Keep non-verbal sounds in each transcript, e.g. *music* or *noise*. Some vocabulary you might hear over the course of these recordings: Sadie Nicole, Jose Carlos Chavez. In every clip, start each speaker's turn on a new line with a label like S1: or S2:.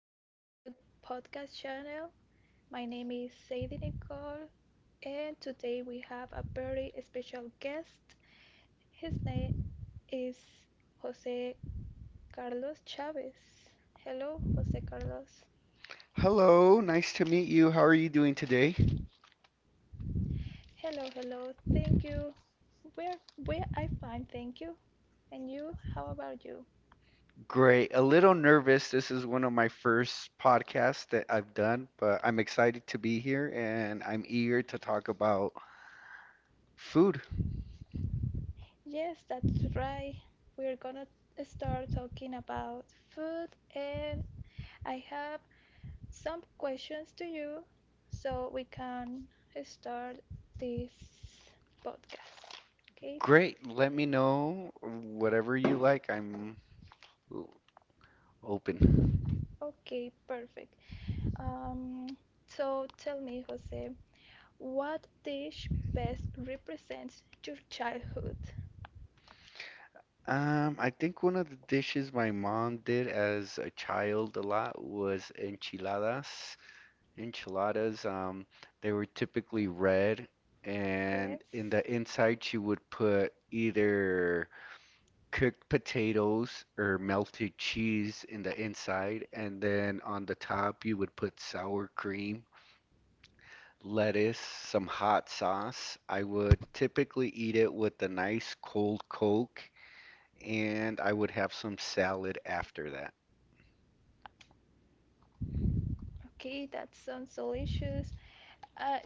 S1: to our new podcast channel. My name is Sadie Nicole, and today we have a very special guest. His name is Jose Carlos Chavez. Hello, Jose Carlos.
S2: Hello, nice to meet you. How are you doing today?
S1: Hello, hello. Thank you. Where, where I find thank you. And you, how about you?
S2: Great. A little nervous. This is one of my first podcasts that I've done, but I'm excited to be here and I'm eager to talk about food.
S1: Yes, that's right. We're gonna start talking about food, and I have some questions to you so we can start this podcast. Okay?
S2: Great. Let me know whatever you like. I'm open.
S1: Okay, perfect. Um, so tell me, Jose, what dish best represents your childhood?
S2: I think one of the dishes my mom did as a child a lot was enchiladas. Enchiladas, they were typically red,
S1: Yes.
S2: and in the inside she would put either cooked potatoes or melted cheese in the inside, and then on the top you would put sour cream, lettuce, some hot sauce. I would typically eat it with a nice cold Coke, and I would have some salad after that.
S1: Okay, that sounds delicious. Uh,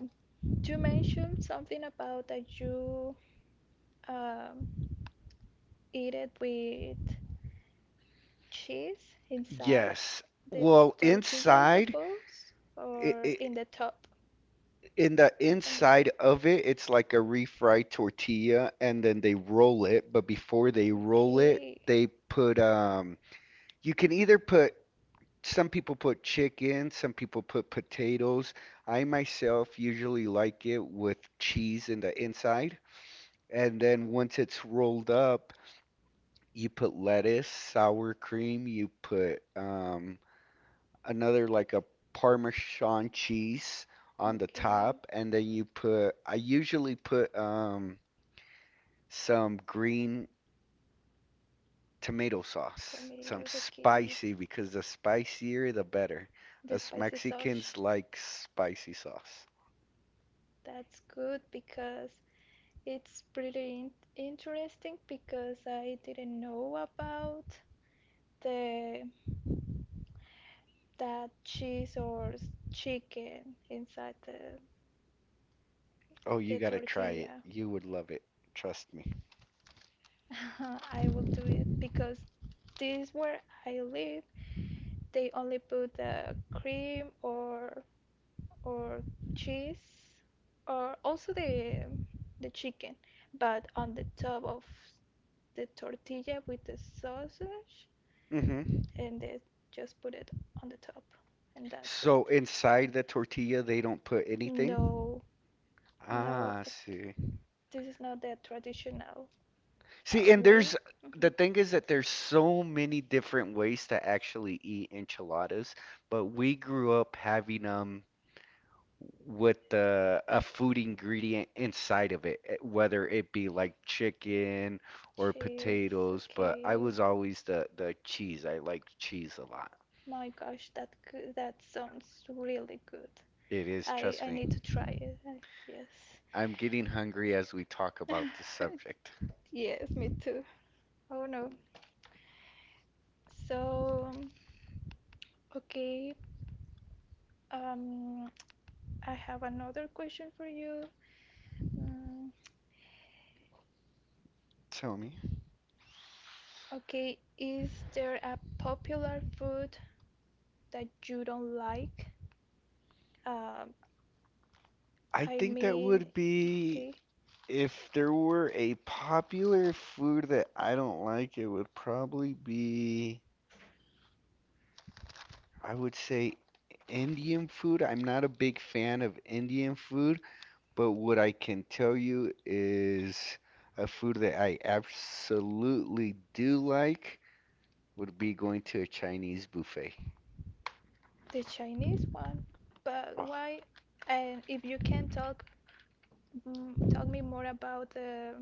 S1: you mentioned something about that you um, eat it with cheese inside
S2: Yes.
S1: the
S2: Well,
S1: tortilla, I
S2: inside
S1: suppose,
S2: it,
S1: or
S2: it
S1: in the top.
S2: in the
S1: On the top.
S2: inside of it, it's like a refried tortilla, and then they roll it. But before they roll it,
S1: Okay,
S2: they put you can either put, some people put chicken, some people put potatoes. I myself usually like it with cheese in the inside, and then once it's rolled up, you put lettuce, sour cream, you put another like a Parmesan cheese on the
S1: okay.
S2: top, and then you put, I usually put some green tomato sauce, some
S1: Tomatoes, okay.
S2: spicy, because the spicier the better.
S1: The
S2: Us
S1: spicy
S2: Mexicans
S1: sauce.
S2: like spicy sauce.
S1: That's good because it's pretty interesting because I didn't know about the that cheese or chicken inside the
S2: Oh, you
S1: the
S2: gotta try it.
S1: tortilla.
S2: You would love it. Trust me.
S1: *laughs* I will do it because this where I live they only put the cream or cheese or also the chicken, but on the top of the tortilla with the sausage
S2: hmm
S1: and they just put it on the top and that's
S2: So
S1: it.
S2: inside the tortilla, they don't put anything?
S1: No, no,
S2: Ah, I
S1: like,
S2: see.
S1: this is not the traditional
S2: See, and
S1: way.
S2: there's the
S1: Mhm.
S2: thing is that there's so many different ways to actually eat enchiladas, but we grew up having them with the a food ingredient inside of it, whether it be like chicken or
S1: Cheese,
S2: potatoes, but I
S1: okay.
S2: was always the cheese. I liked cheese a lot.
S1: My gosh, that sounds really good.
S2: It is,
S1: I
S2: trust
S1: I
S2: me.
S1: need to try it. Yes.
S2: I'm getting hungry as we talk about this
S1: *laughs*
S2: subject.
S1: Yes, me too. Oh no. So, okay. Um, I have another question for you. Mm,
S2: Tell me.
S1: okay, is there a popular food that you don't like? Um,
S2: I
S1: I
S2: think that
S1: mean,
S2: would be
S1: okay,
S2: If there were a popular food that I don't like, it would probably be, I would say, Indian food. I'm not a big fan of Indian food, but what I can tell you is a food that I absolutely do like would be going to a Chinese buffet.
S1: the Chinese one. But
S2: Ugh.
S1: why? And if you can talk, talk me more about the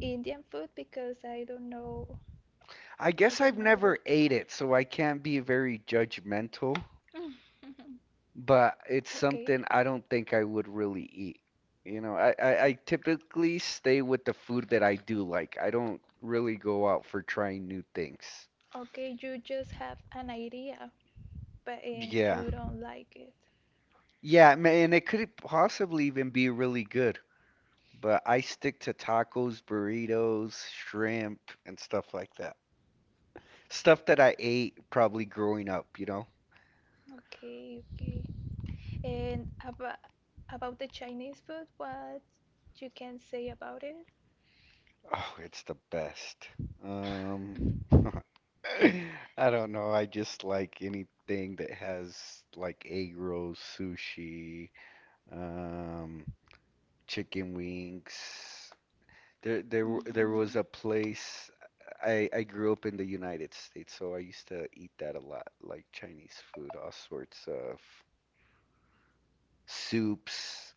S1: Indian food because
S2: I
S1: I
S2: guess I've
S1: don't know
S2: never
S1: it.
S2: ate it, so I can't be very judgmental,
S1: *laughs*
S2: but it's
S1: Okay.
S2: something I don't think I would really eat. You know, I typically stay with the food that I do like. I don't really go out for trying new things.
S1: Okay, you just have an idea, but and
S2: Yeah.
S1: you don't like it.
S2: Yeah, and it could possibly even be really good, but I stick to tacos, burritos, shrimp, and stuff like that. Stuff that I ate probably growing up, you know?
S1: Okay, okay. And about the Chinese food, what you can say about it?
S2: Oh, it's the best.
S1: *sighs*
S2: Um, *laughs* I don't know. I just like anything that has like egg rolls, sushi, um, chicken wings. There was
S1: hmm
S2: a place. I grew up in the United States, so I used to eat that a lot, like Chinese food, all sorts of soups.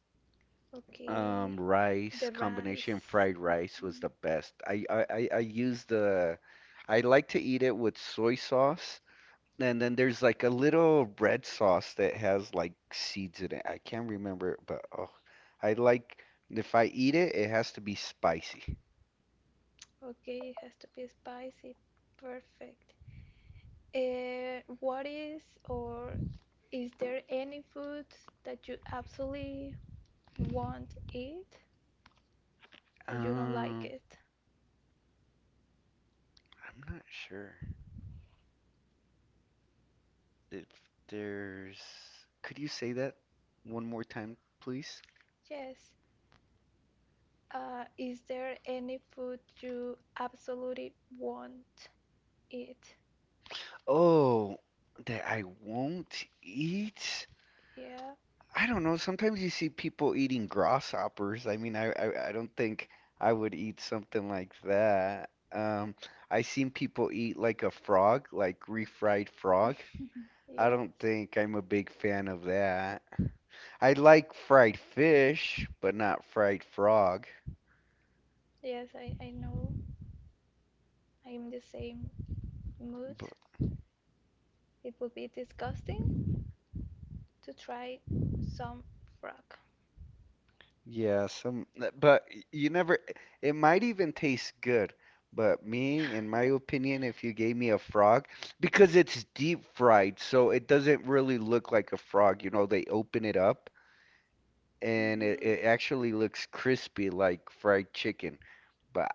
S1: Okay,
S2: Rice
S1: the
S2: combination
S1: rice.
S2: fried rice was
S1: Mhm.
S2: the best. I use the I like to eat it with soy sauce, and then there's like a little red sauce that has like seeds in it. I can't remember it, but oh, I like, if I eat it, it has to be spicy.
S1: Okay, it has to be spicy. Perfect. What is or is there any food that you absolutely won't eat that you don't like
S2: Um,
S1: it?
S2: I'm not sure if there's. Could you say that one more time, please?
S1: Yes. Is there any food you absolutely won't eat?
S2: Oh, that I won't eat.
S1: Yeah,
S2: I don't know. Sometimes you see people eating grasshoppers. I mean, I don't think I would eat something like that. I seen people eat like a frog, like refried frog.
S1: *laughs*
S2: I
S1: yes,
S2: don't think I'm a big fan of that. I like fried fish, but not fried frog.
S1: I know. I'm the same mood.
S2: B-
S1: It would be disgusting to try some frog. *laughs*
S2: Yeah, some, but you never, it might even taste good. But me, in my opinion, if you gave me a frog, because it's deep fried, so it doesn't really look like a frog. You know, they open it up and it,
S1: Mhm,
S2: it actually looks crispy like fried chicken. But,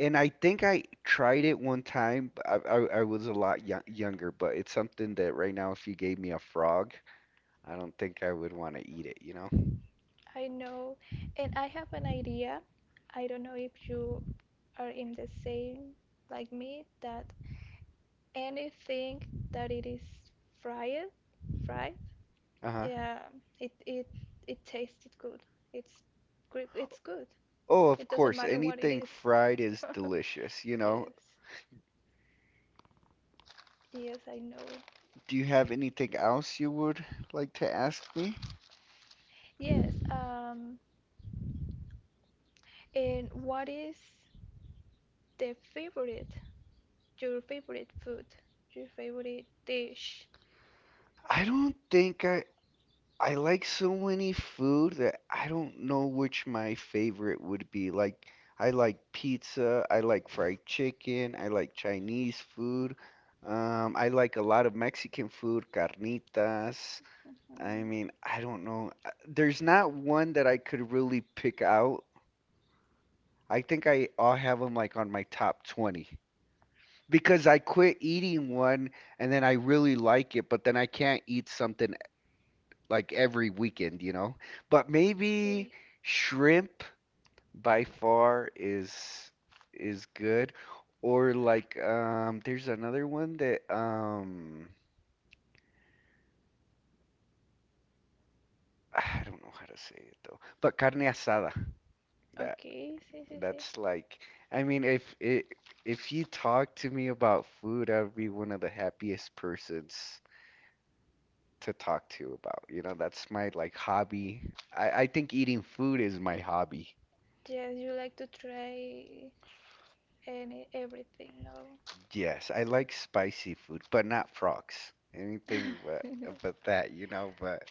S2: and I think I tried it one time, but I was a lot yo younger, but it's something that right now, if you gave me a frog, I don't think I would want to eat it, you know?
S1: I know. And I have an idea. I don't know if you are in the same like me that anything that it is fried, fried,
S2: Uh-huh.
S1: Yeah, it it it tasted good. It's it's good.
S2: Oh, of
S1: It doesn't
S2: course,
S1: matter what it
S2: anything
S1: is.
S2: fried is
S1: *laughs*
S2: delicious, you know.
S1: Yes. Yes, I know.
S2: Do you have anything else you would like to ask me?
S1: Yes, and what is the favorite, your favorite food, your favorite dish?
S2: I don't think I like so many food that I don't know which my favorite would be. Like I like pizza, I like fried chicken, I like Chinese food. I like a lot of Mexican food, carnitas. I
S1: Mhm.
S2: mean, I don't know. There's not one that I could really pick out. I think I'll have them like on my top 20, because I quit eating one and then I really like it, but then I can't eat something like every weekend, you know? But maybe
S1: Okay.
S2: shrimp by far is good, or like there's another one that I don't know how to say it though, but carne asada. that
S1: Okay, sí, sí, sí.
S2: That's like, I mean, if it, if you talk to me about food, I would be one of the happiest persons to talk to about. You know, that's my like hobby. I think eating food is my hobby.
S1: Yes, you like to try any everything, no?
S2: Yes, I like spicy food, but not frogs. Anything but
S1: *laughs*
S2: but that, you know, but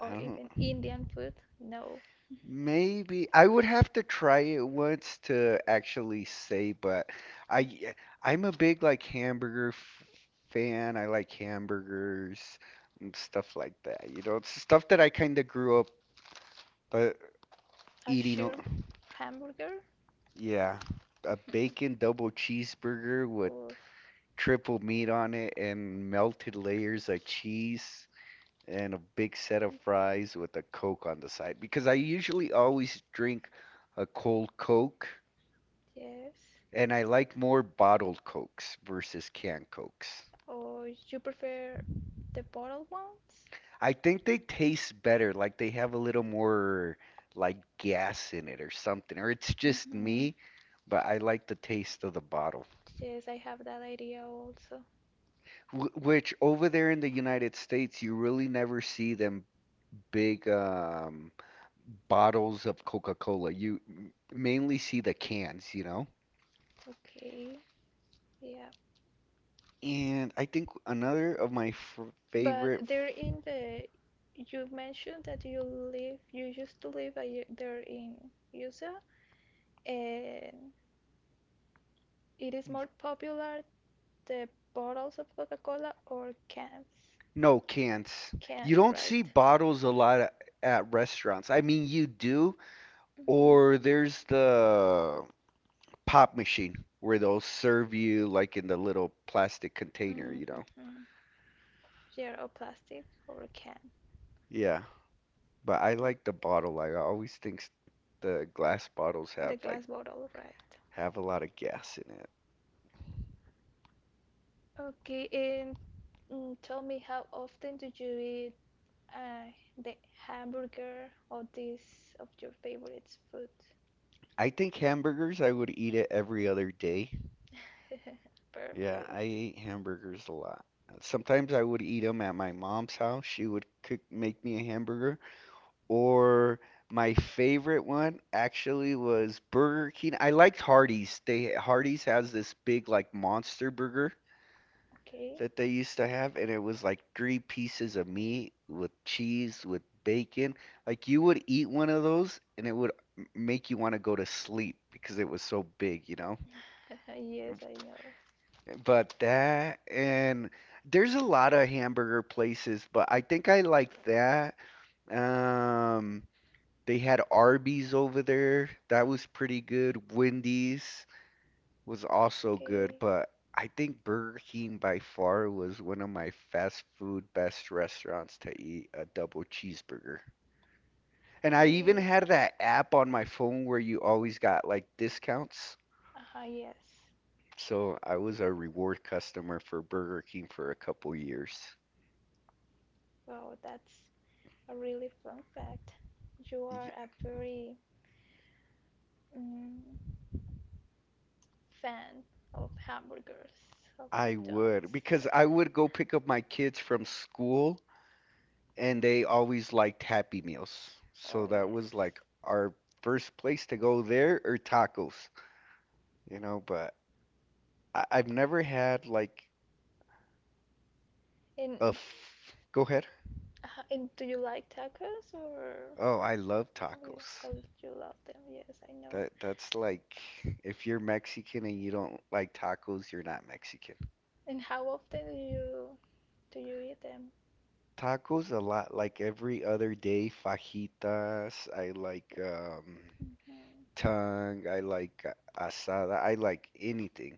S2: I
S1: Or
S2: don't
S1: even Indian food? No.
S2: maybe I would have to try it once to actually say, but I, I'm a big like hamburger f fan. I like hamburgers and stuff like that. You know, it's stuff that I kind of grew up uh,
S1: A
S2: eating.
S1: shrimp hamburger?
S2: Yeah, a
S1: *laughs*
S2: bacon double cheeseburger with
S1: Oof,
S2: triple meat on it and melted layers of cheese and a big set of fries with a Coke on the side, because I usually always drink a cold Coke,
S1: yes.
S2: and I like more bottled Cokes versus canned Cokes.
S1: Or you prefer the bottled ones?
S2: I think they taste better, like they have a little more like gas in it, or something, or it's just
S1: Mm-hmm.
S2: me, but I like the taste of the bottle.
S1: Yes, I have that idea also.
S2: Which, over there in the United States, you really never see them big bottles of Coca-Cola. You mainly see the cans, you know?
S1: Okay, yeah.
S2: And I think another of my f
S1: But
S2: favorite.
S1: they're in the. You mentioned that you live, you used to live there in USA, and it is more popular the bottles of Coca-Cola or cans?
S2: No, cans. You
S1: Cans,
S2: don't see
S1: right?
S2: bottles a lot at restaurants. I mean, you do,
S1: Mm-hmm.
S2: or there's the pop machine where they'll serve you like in the little plastic container, you know.
S1: Mm-hmm. Yeah, or plastic or can.
S2: Yeah, but I like the bottle. Like, I always think s- the glass bottles have
S1: The
S2: like
S1: glass bottle, right.
S2: have a lot of gas in it.
S1: Okay, and tell me how often do you eat uh, the hamburger or this of your favorite food?
S2: I think hamburgers, I would eat it every other day.
S1: *laughs*
S2: Yeah,
S1: Perfect.
S2: I ate hamburgers a lot. Sometimes I would eat them at my mom's house. She would cook make me a hamburger. Or my favorite one actually was Burger King. I liked Hardee's. They Hardee's has this big like monster burger
S1: Okay.
S2: that they used to have, and it was like three pieces of meat with cheese with bacon. Like you would eat one of those, and it would make you want to go to sleep because it was so big, you know?
S1: Uh-huh, yes, I know.
S2: But that, and there's a lot of hamburger places, but I think I like that. Um, They had Arby's over there. That was pretty good. Wendy's was also good,
S1: Okay,
S2: but I think Burger King by far was one of my fast food best restaurants to eat a double cheeseburger. And I even
S1: okay.
S2: had that app on my phone where you always got like discounts.
S1: Uh-huh, yes.
S2: So I was a reward customer for Burger King for a couple years.
S1: Wow, that's a really fun fact. You are
S2: Y-
S1: a very mm, fan of hamburgers, of
S2: I would,
S1: McDonald's.
S2: because I would go pick up my kids from school, and they always liked Happy Meals.
S1: Oh,
S2: So that was
S1: yes.
S2: like our first place to go there, or tacos, you know, but I I've never had like
S1: And
S2: a f go ahead.
S1: And do you like tacos or
S2: Oh, I love
S1: you know how
S2: tacos.
S1: do you love them? Yes, I know.
S2: That that's like, if you're Mexican and you don't like tacos, you're not Mexican.
S1: And how often do you eat them?
S2: Tacos a lot, like every other day, fajitas, I like
S1: Hmm
S2: tongue, I like asada, I like anything.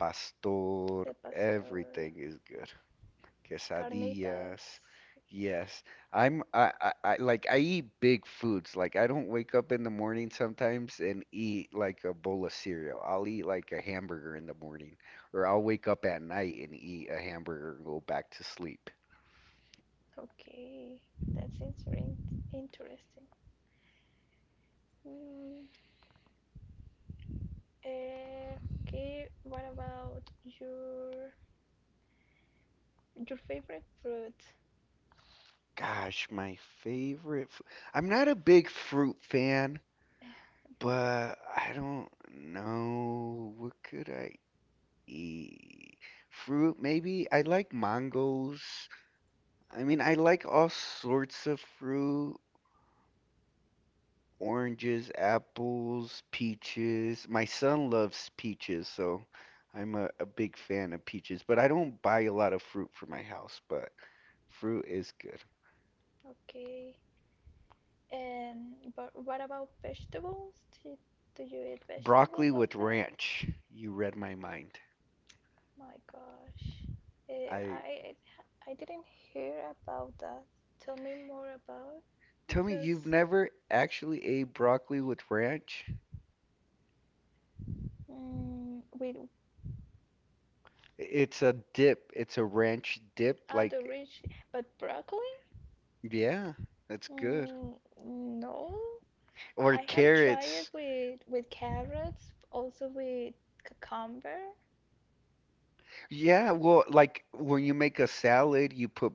S2: Pastor,
S1: The pastor,
S2: everything is good. Quesadillas.
S1: carnitas.
S2: Yes. I'm I like I eat big foods. Like I don't wake up in the morning sometimes and eat like a bowl of cereal. I'll eat like a hamburger in the morning, or I'll wake up at night and eat a hamburger and go back to sleep.
S1: Okay, that's interesting. Interesting. Mm, eh, okay, what about your favorite fruit?
S2: Gosh, my I'm not a big fruit fan, but I don't know what could I E- fruit, maybe. I like mangoes. I mean, I like all sorts of fruit, oranges, apples, peaches. My son loves peaches, so I'm a big fan of peaches, but I don't buy a lot of fruit for my house, but fruit is good.
S1: Okay, and but what about vegetables? Do you eat vegetables
S2: Broccoli with
S1: often?
S2: ranch. You read my mind.
S1: My gosh. Eh,
S2: I
S1: I I didn't hear about that. Tell me more about
S2: tell me you've
S1: because
S2: never actually ate broccoli with ranch?
S1: with
S2: It's a dip. It's a ranch dip.
S1: other
S2: Like,
S1: rich, but broccoli?
S2: yeah, that's good.
S1: Mm, no.
S2: Or
S1: I have tried it
S2: carrots.
S1: with carrots, also with cucumber.
S2: Yeah, well, like when you make a salad, you put,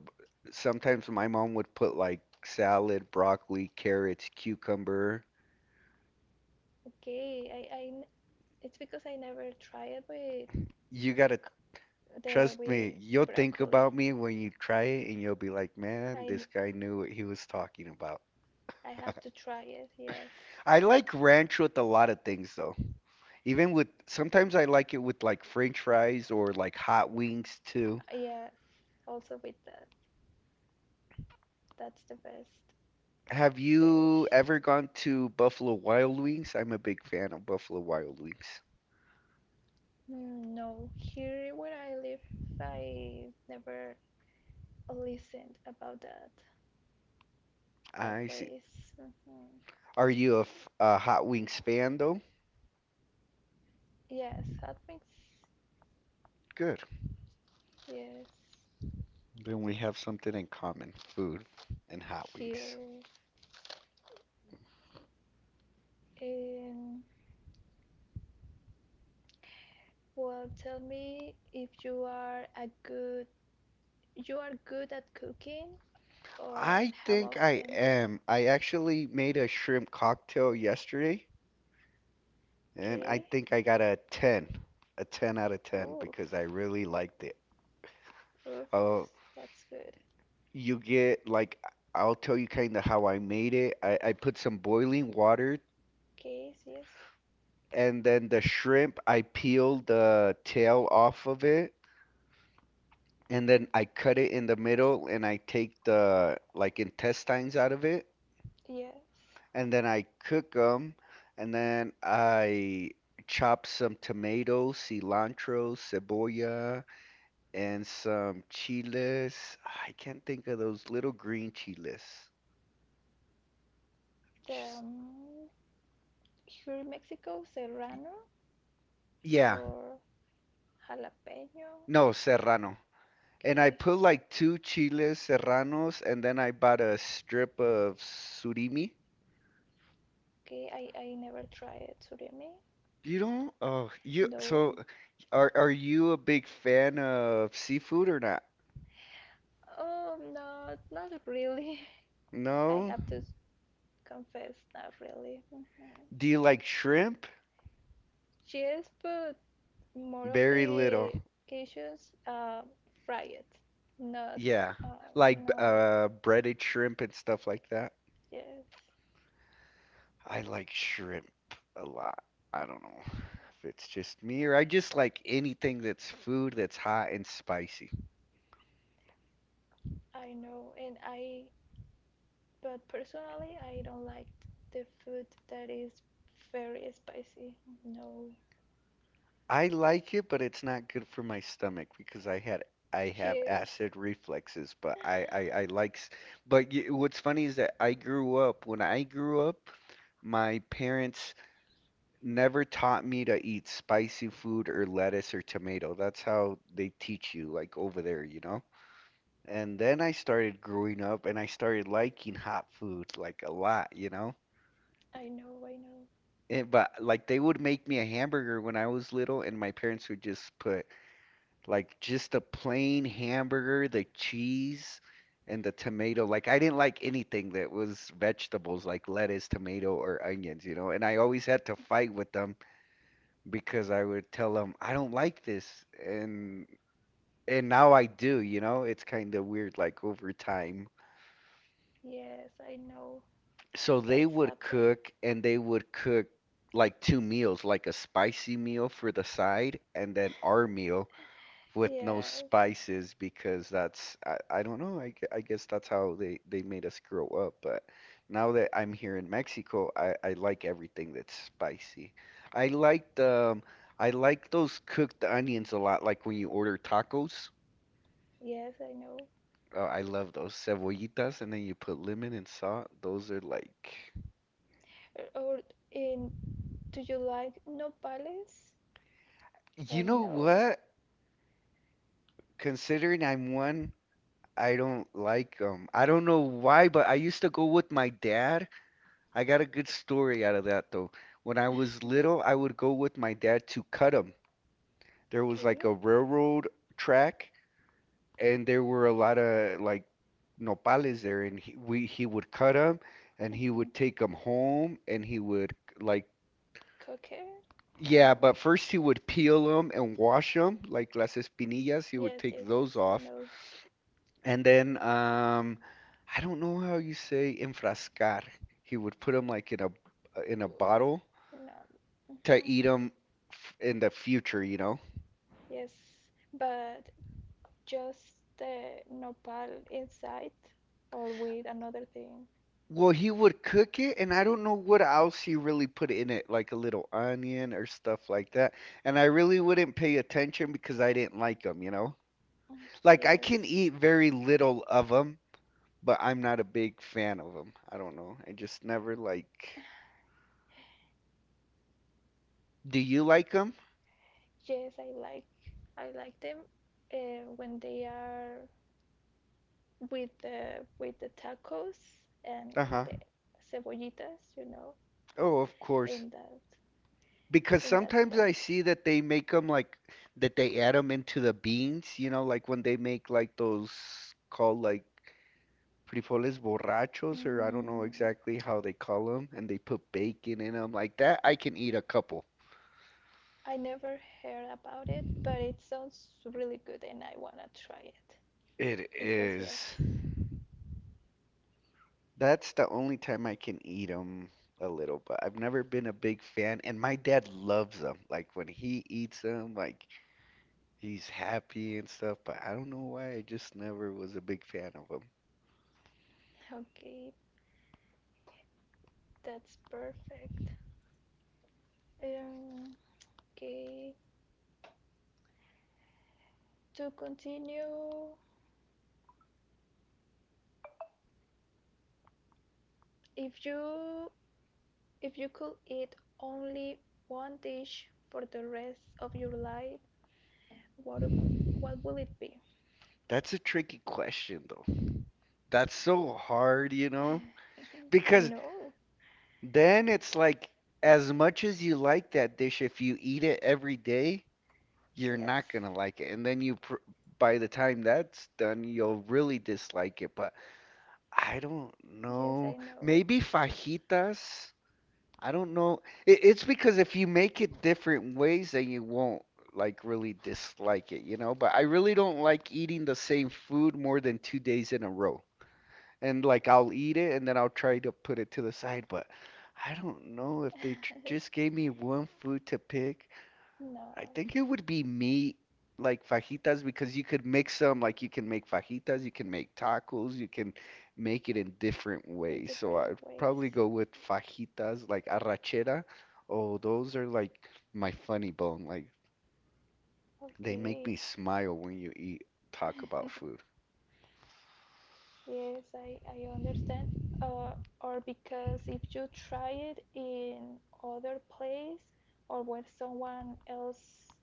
S2: sometimes my mom would put like salad, broccoli, carrots, cucumber.
S1: Okay, it's because I never tried it with
S2: You gotta
S1: c- the
S2: trust me,
S1: with
S2: you'll think
S1: broccoli.
S2: about me when you try it and you'll be like, man,
S1: I
S2: this
S1: n-
S2: guy knew what he was talking about.
S1: I have to try it. Yes,
S2: I like ranch with a lot of things though. Even with, sometimes I like it with like French fries or like hot wings too.
S1: yes. Also with that. That's the best
S2: Have you
S1: dish.
S2: ever gone to Buffalo Wild Wings? I'm a big fan of Buffalo Wild Wings.
S1: No, here where I live, I never listened about that that
S2: I see.
S1: place. Mhm.
S2: Are you a, a hot wings fan though?
S1: Yes, hot mix.
S2: Good.
S1: Yes,
S2: Then we have something in common, food and hot wings.
S1: yes. And well, tell me if you are a good you are good at cooking, or and
S2: I
S1: how
S2: think I
S1: often?
S2: am. I actually made a shrimp cocktail yesterday, and I
S1: Okay.
S2: think I got a 10, a 10 out of 10
S1: Oof,
S2: because I really liked it.
S1: oof.
S2: Oh,
S1: That's good.
S2: you get like I'll tell you kind of how I made it. I put some boiling water,
S1: Okay. Yes.
S2: and then the shrimp, I peel the tail off of it, and then I cut it in the middle, and I take the like intestines out of it,
S1: Yes.
S2: and then I cook them, and then I chop some tomatoes, cilantro, cebolla, and some chiles. I can't think of those little green chiles.
S1: The,
S2: Just,
S1: um, here in Mexico, serrano
S2: yeah,
S1: or jalapeno.
S2: no, serrano. And I
S1: Okay,
S2: put like two chiles serranos, and then I bought a strip of surimi.
S1: okay, I never tried surimi.
S2: You don't? Oh, you. So,
S1: No.
S2: are you a big fan of seafood or not?
S1: Oh, no, not really. *laughs* I
S2: No.
S1: have to confess, not really. Mhm.
S2: Do you like shrimp?
S1: Yes, but more of
S2: Very little.
S1: the occasions fry it, not
S2: Yeah, like
S1: not
S2: breaded shrimp and stuff like that.
S1: yes.
S2: I like shrimp a lot. I don't know if it's just me or I just like anything that's food that's hot and spicy.
S1: I know, and I but personally, I don't like the food that is very spicy. No,
S2: I like it, but it's not good for my stomach because I had I
S1: She
S2: have
S1: is.
S2: acid reflexes, but I like but y what's funny is that I grew up when I grew up, my parents never taught me to eat spicy food or lettuce or tomato. That's how they teach you like over there, you know? And then I started growing up and I started liking hot food like a lot, you know?
S1: I know, I know.
S2: And but like they would make me a hamburger when I was little, and my parents would just put like just a plain hamburger, the cheese and the tomato. Like I didn't like anything that was vegetables like lettuce, tomato, or onions, you know. And I always had to fight with them because I would tell them, I don't like this. And now I do, you know. It's kind of weird like over time.
S1: Yes, I know.
S2: So they
S1: That's
S2: would
S1: happened.
S2: cook and they would cook like two meals, like a spicy meal for the side and then our meal, with no
S1: Yes,
S2: spices because that's I don't know I guess that's how they made us grow up, but now that I'm here in Mexico I like everything that's spicy. I like the I like those cooked onions a lot like when you order tacos.
S1: yes, I know.
S2: Oh, I love those cebollitas, and then you put lemon and salt, those are like
S1: Or- Or in, do you like nopales
S2: you
S1: or
S2: know
S1: no?
S2: what, considering I'm one, I don't like them, I don't know why, but I used to go with my dad. I got a good story out of that though. When I was little,
S1: *laughs*
S2: I would go with my dad to Cudham. There was like
S1: Okay.
S2: a railroad track, and there were a lot of like nopales there, and he would cut them, and he
S1: hmm
S2: would take them home, and he would like
S1: Cooker?
S2: yeah,
S1: Um,
S2: but first he would peel them and wash them, like las espinillas. He would
S1: yes,
S2: take
S1: yes, yes,
S2: those
S1: I
S2: off,
S1: know.
S2: and then I don't know how you say enfrascar. He would put them like in a
S1: Ugh,
S2: bottle
S1: No.
S2: to
S1: hmm
S2: eat them in the future, you know?
S1: Yes, but just the nopal inside or with another thing?
S2: Well, he would cook it, and I don't know what else he really put in it, like a little onion or stuff like that. And I really wouldn't pay attention because I didn't like them, you know?
S1: Mm,
S2: Like, I can
S1: Yes.
S2: eat very little of them, but I'm not a big fan of them. I don't know. I just never like. Do you like them?
S1: Yes, I I like them when they are with the tacos and
S2: Uh-huh.
S1: the cebollitas, you know,
S2: Oh, of course.
S1: in that
S2: Because
S1: in that
S2: sometimes I
S1: plate.
S2: see that they make them like that they add them into the beans, you know, like when they make like those called like frijoles borrachos, or I don't know
S1: Mm,
S2: exactly how they call them, and they put bacon in them. Like that, I can eat a couple.
S1: I never heard about it, but it sounds really good, and I wanna try it
S2: It
S1: because yes,
S2: is. That's the only time I can eat them a little, but I've never been a big fan. And my dad loves them. Like when he eats them, like he's happy and stuff. But I don't know why. I just never was a big fan of them.
S1: okay, that's perfect. Um, okay, to continue, if you If you could eat only one dish for the rest of your life, what would- what will it be?
S2: That's a tricky question, though. That's so hard, you know?
S1: *laughs* I
S2: Because
S1: know.
S2: then it's like, as much as you like that dish, if you eat it every day, you're
S1: Yes.
S2: not gonna like it. And then you, pr by the time that's done, you'll really dislike it. But I don't
S1: Yes, I
S2: know.
S1: know.
S2: Maybe fajitas? I don't know. It's because if you make it different ways, then you won't like really dislike it, you know? But I really don't like eating the same food more than 2 days in a row, and like I'll eat it and then I'll try to put it to the side. But I don't know if they just
S1: *laughs*
S2: gave me one food to pick.
S1: No,
S2: I think it would be meat, like fajitas, because you could mix them. Like you can make fajitas, you can make tacos, you can make it in different
S1: in
S2: ways. So
S1: different
S2: I'd
S1: ways.
S2: probably go with fajitas, like arrachera. Oh, those are like my funny bone. Like they make
S1: Okay.
S2: me smile when you eat, talk about
S1: *laughs*
S2: food.
S1: Yes, I understand. Uh, or because if you try it in other place or when someone else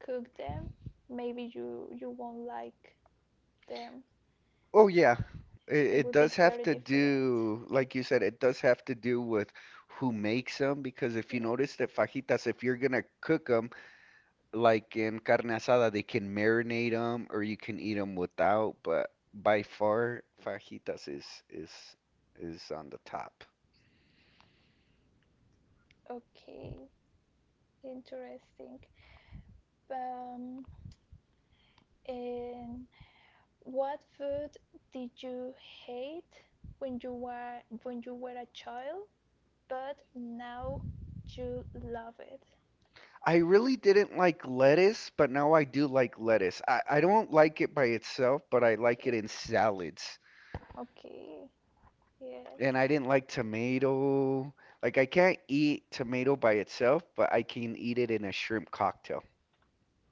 S1: cook them, maybe you won't like them.
S2: Oh yeah, it,
S1: It
S2: it
S1: would be
S2: does have
S1: very
S2: to
S1: different.
S2: do, like you said, it does have to do with who makes them because if you
S1: Yes.
S2: notice that fajitas, if you're gonna cook them, like in carne asada, they can marinate them or you can eat them without, but by far fajitas is is on the top.
S1: Okay. Interesting. Um, and what food did you hate when you were a child, but now you love it?
S2: I really didn't like lettuce, but now I do like lettuce. I don't like it by itself, but I like it
S1: Okay.
S2: in salads.
S1: Okay. Yes.
S2: And I didn't like tomato. Like I can't eat tomato by itself, but I can eat it in a shrimp cocktail.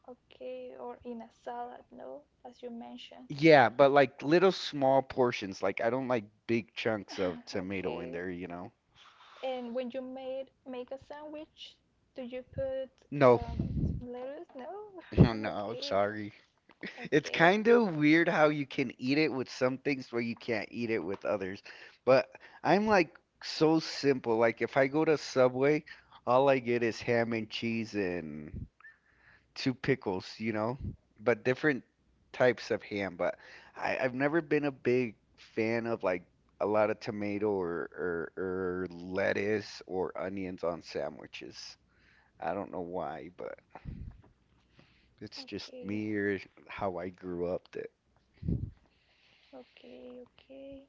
S1: Okay. Or in a salad, no, as you mentioned.
S2: Yeah, but like little small portions. Like I don't like big chunks of
S1: *laughs*
S2: tomato in
S1: okay.
S2: there, you know?
S1: And when you made make a sandwich, do you put
S2: No. *laughs*
S1: um, lettuce? No?
S2: Oh
S1: *laughs*
S2: no,
S1: Okay,
S2: sorry. It's
S1: okay,
S2: kind of weird how you can eat it with some things where you can't eat it with others. But I'm like so simple. Like if I go to Subway, all I get is ham and cheese and two pickles, you know, but different types of ham. But I've never been a big fan of like a lot of tomato or, or lettuce or onions on sandwiches. I don't know why, but it's just
S1: okay,
S2: me or how I grew up that.
S1: okay.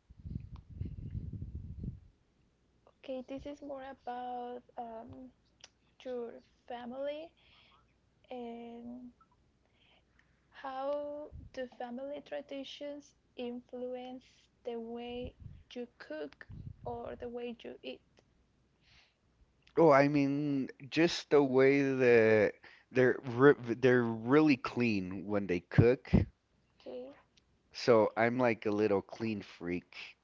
S1: Okay, this is more about your family and how do family traditions influence the way you cook or the way you eat?
S2: Oh, I mean, just the way that they're re they're really clean when they cook.
S1: Okay,
S2: So I'm like a little clean freak.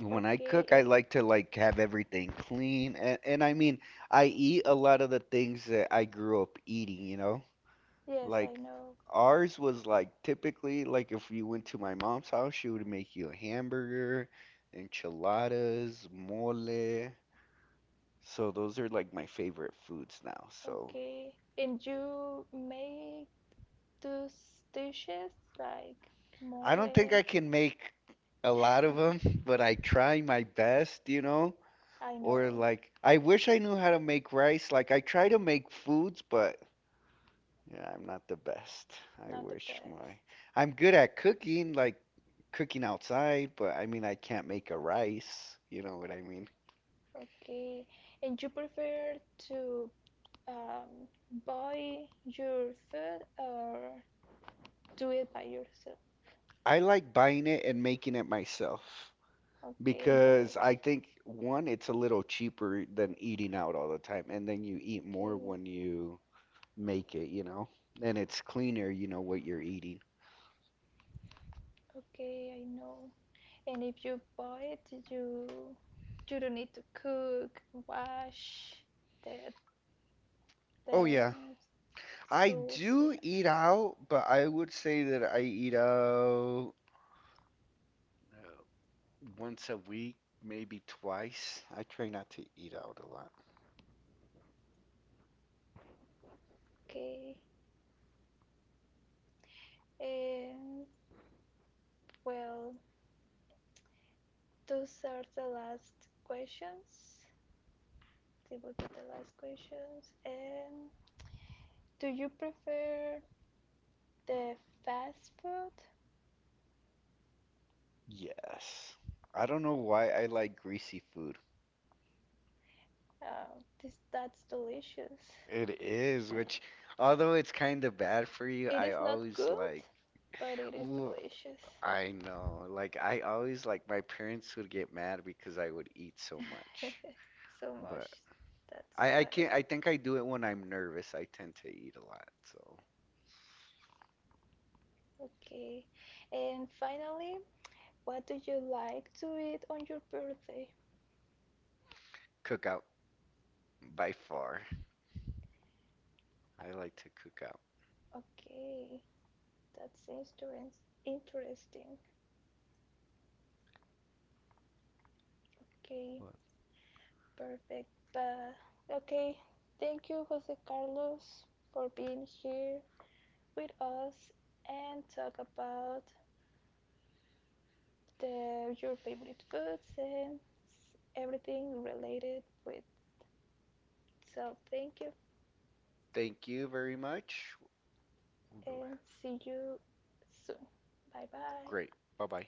S2: When I
S1: okay,
S2: cook, I
S1: And
S2: like to like have everything clean and I mean, I eat a lot of the things that I grew up eating, you know?
S1: yes, I
S2: Like
S1: know.
S2: ours was like typically like if you went to my mom's house, she would make you a hamburger, enchiladas, mole. So those are like my favorite foods now. So
S1: Okay, and you make Those dishes like
S2: I don't think
S1: mole.
S2: I can make a lot of
S1: *laughs*
S2: them, but I try my best, you know?
S1: I
S2: Or
S1: know,
S2: like I wish I knew how to make rice. Like I try to make foods, but yeah, I'm not the best. I
S1: not the
S2: wish
S1: best.
S2: my I'm good at cooking, like cooking outside, but I mean I can't make a rice, you know what I mean?
S1: Okay. And you prefer to um, buy your food or do it by yourself?
S2: I like buying it and making it myself
S1: Okay, both.
S2: because I think one, it's a little cheaper than eating out all the time, and then you eat more
S1: Okay.
S2: when you make it, you know? And it's cleaner, you know, what you're eating.
S1: Okay, I know. And if you buy it, you don't need to cook, wash the
S2: Oh
S1: the
S2: yeah. I
S1: stools.
S2: do
S1: Yeah.
S2: eat out, but I would say that I eat out Uh, once a week, maybe twice. I try not to eat out a lot.
S1: Okay. And well, those are the last questions. They will be the last questions. And do you prefer the fast food?
S2: Yes. I don't know why I like greasy food.
S1: Oh, this that's delicious.
S2: It is, which, although it's kind of bad for you,
S1: It
S2: I
S1: is not
S2: always
S1: good,
S2: like,
S1: but it is
S2: ooh,
S1: delicious.
S2: I know. Like, I always like, my parents would get mad because I would eat so much.
S1: *laughs* so much.
S2: But
S1: That's
S2: I
S1: right.
S2: can't, I think I do it when I'm nervous. I tend to eat a lot. So,
S1: Okay. And finally, what do you like to eat on your birthday?
S2: cook out by far. I like to cook out.
S1: Okay, that seems interesting. Okay.
S2: Well,
S1: Perfect. But okay, thank you, Jose Carlos, for being here with us and talk about the, your favorite foods and everything related with. So thank you
S2: thank you very much. Google.
S1: and see you soon. Bye bye.
S2: Great. Bye bye.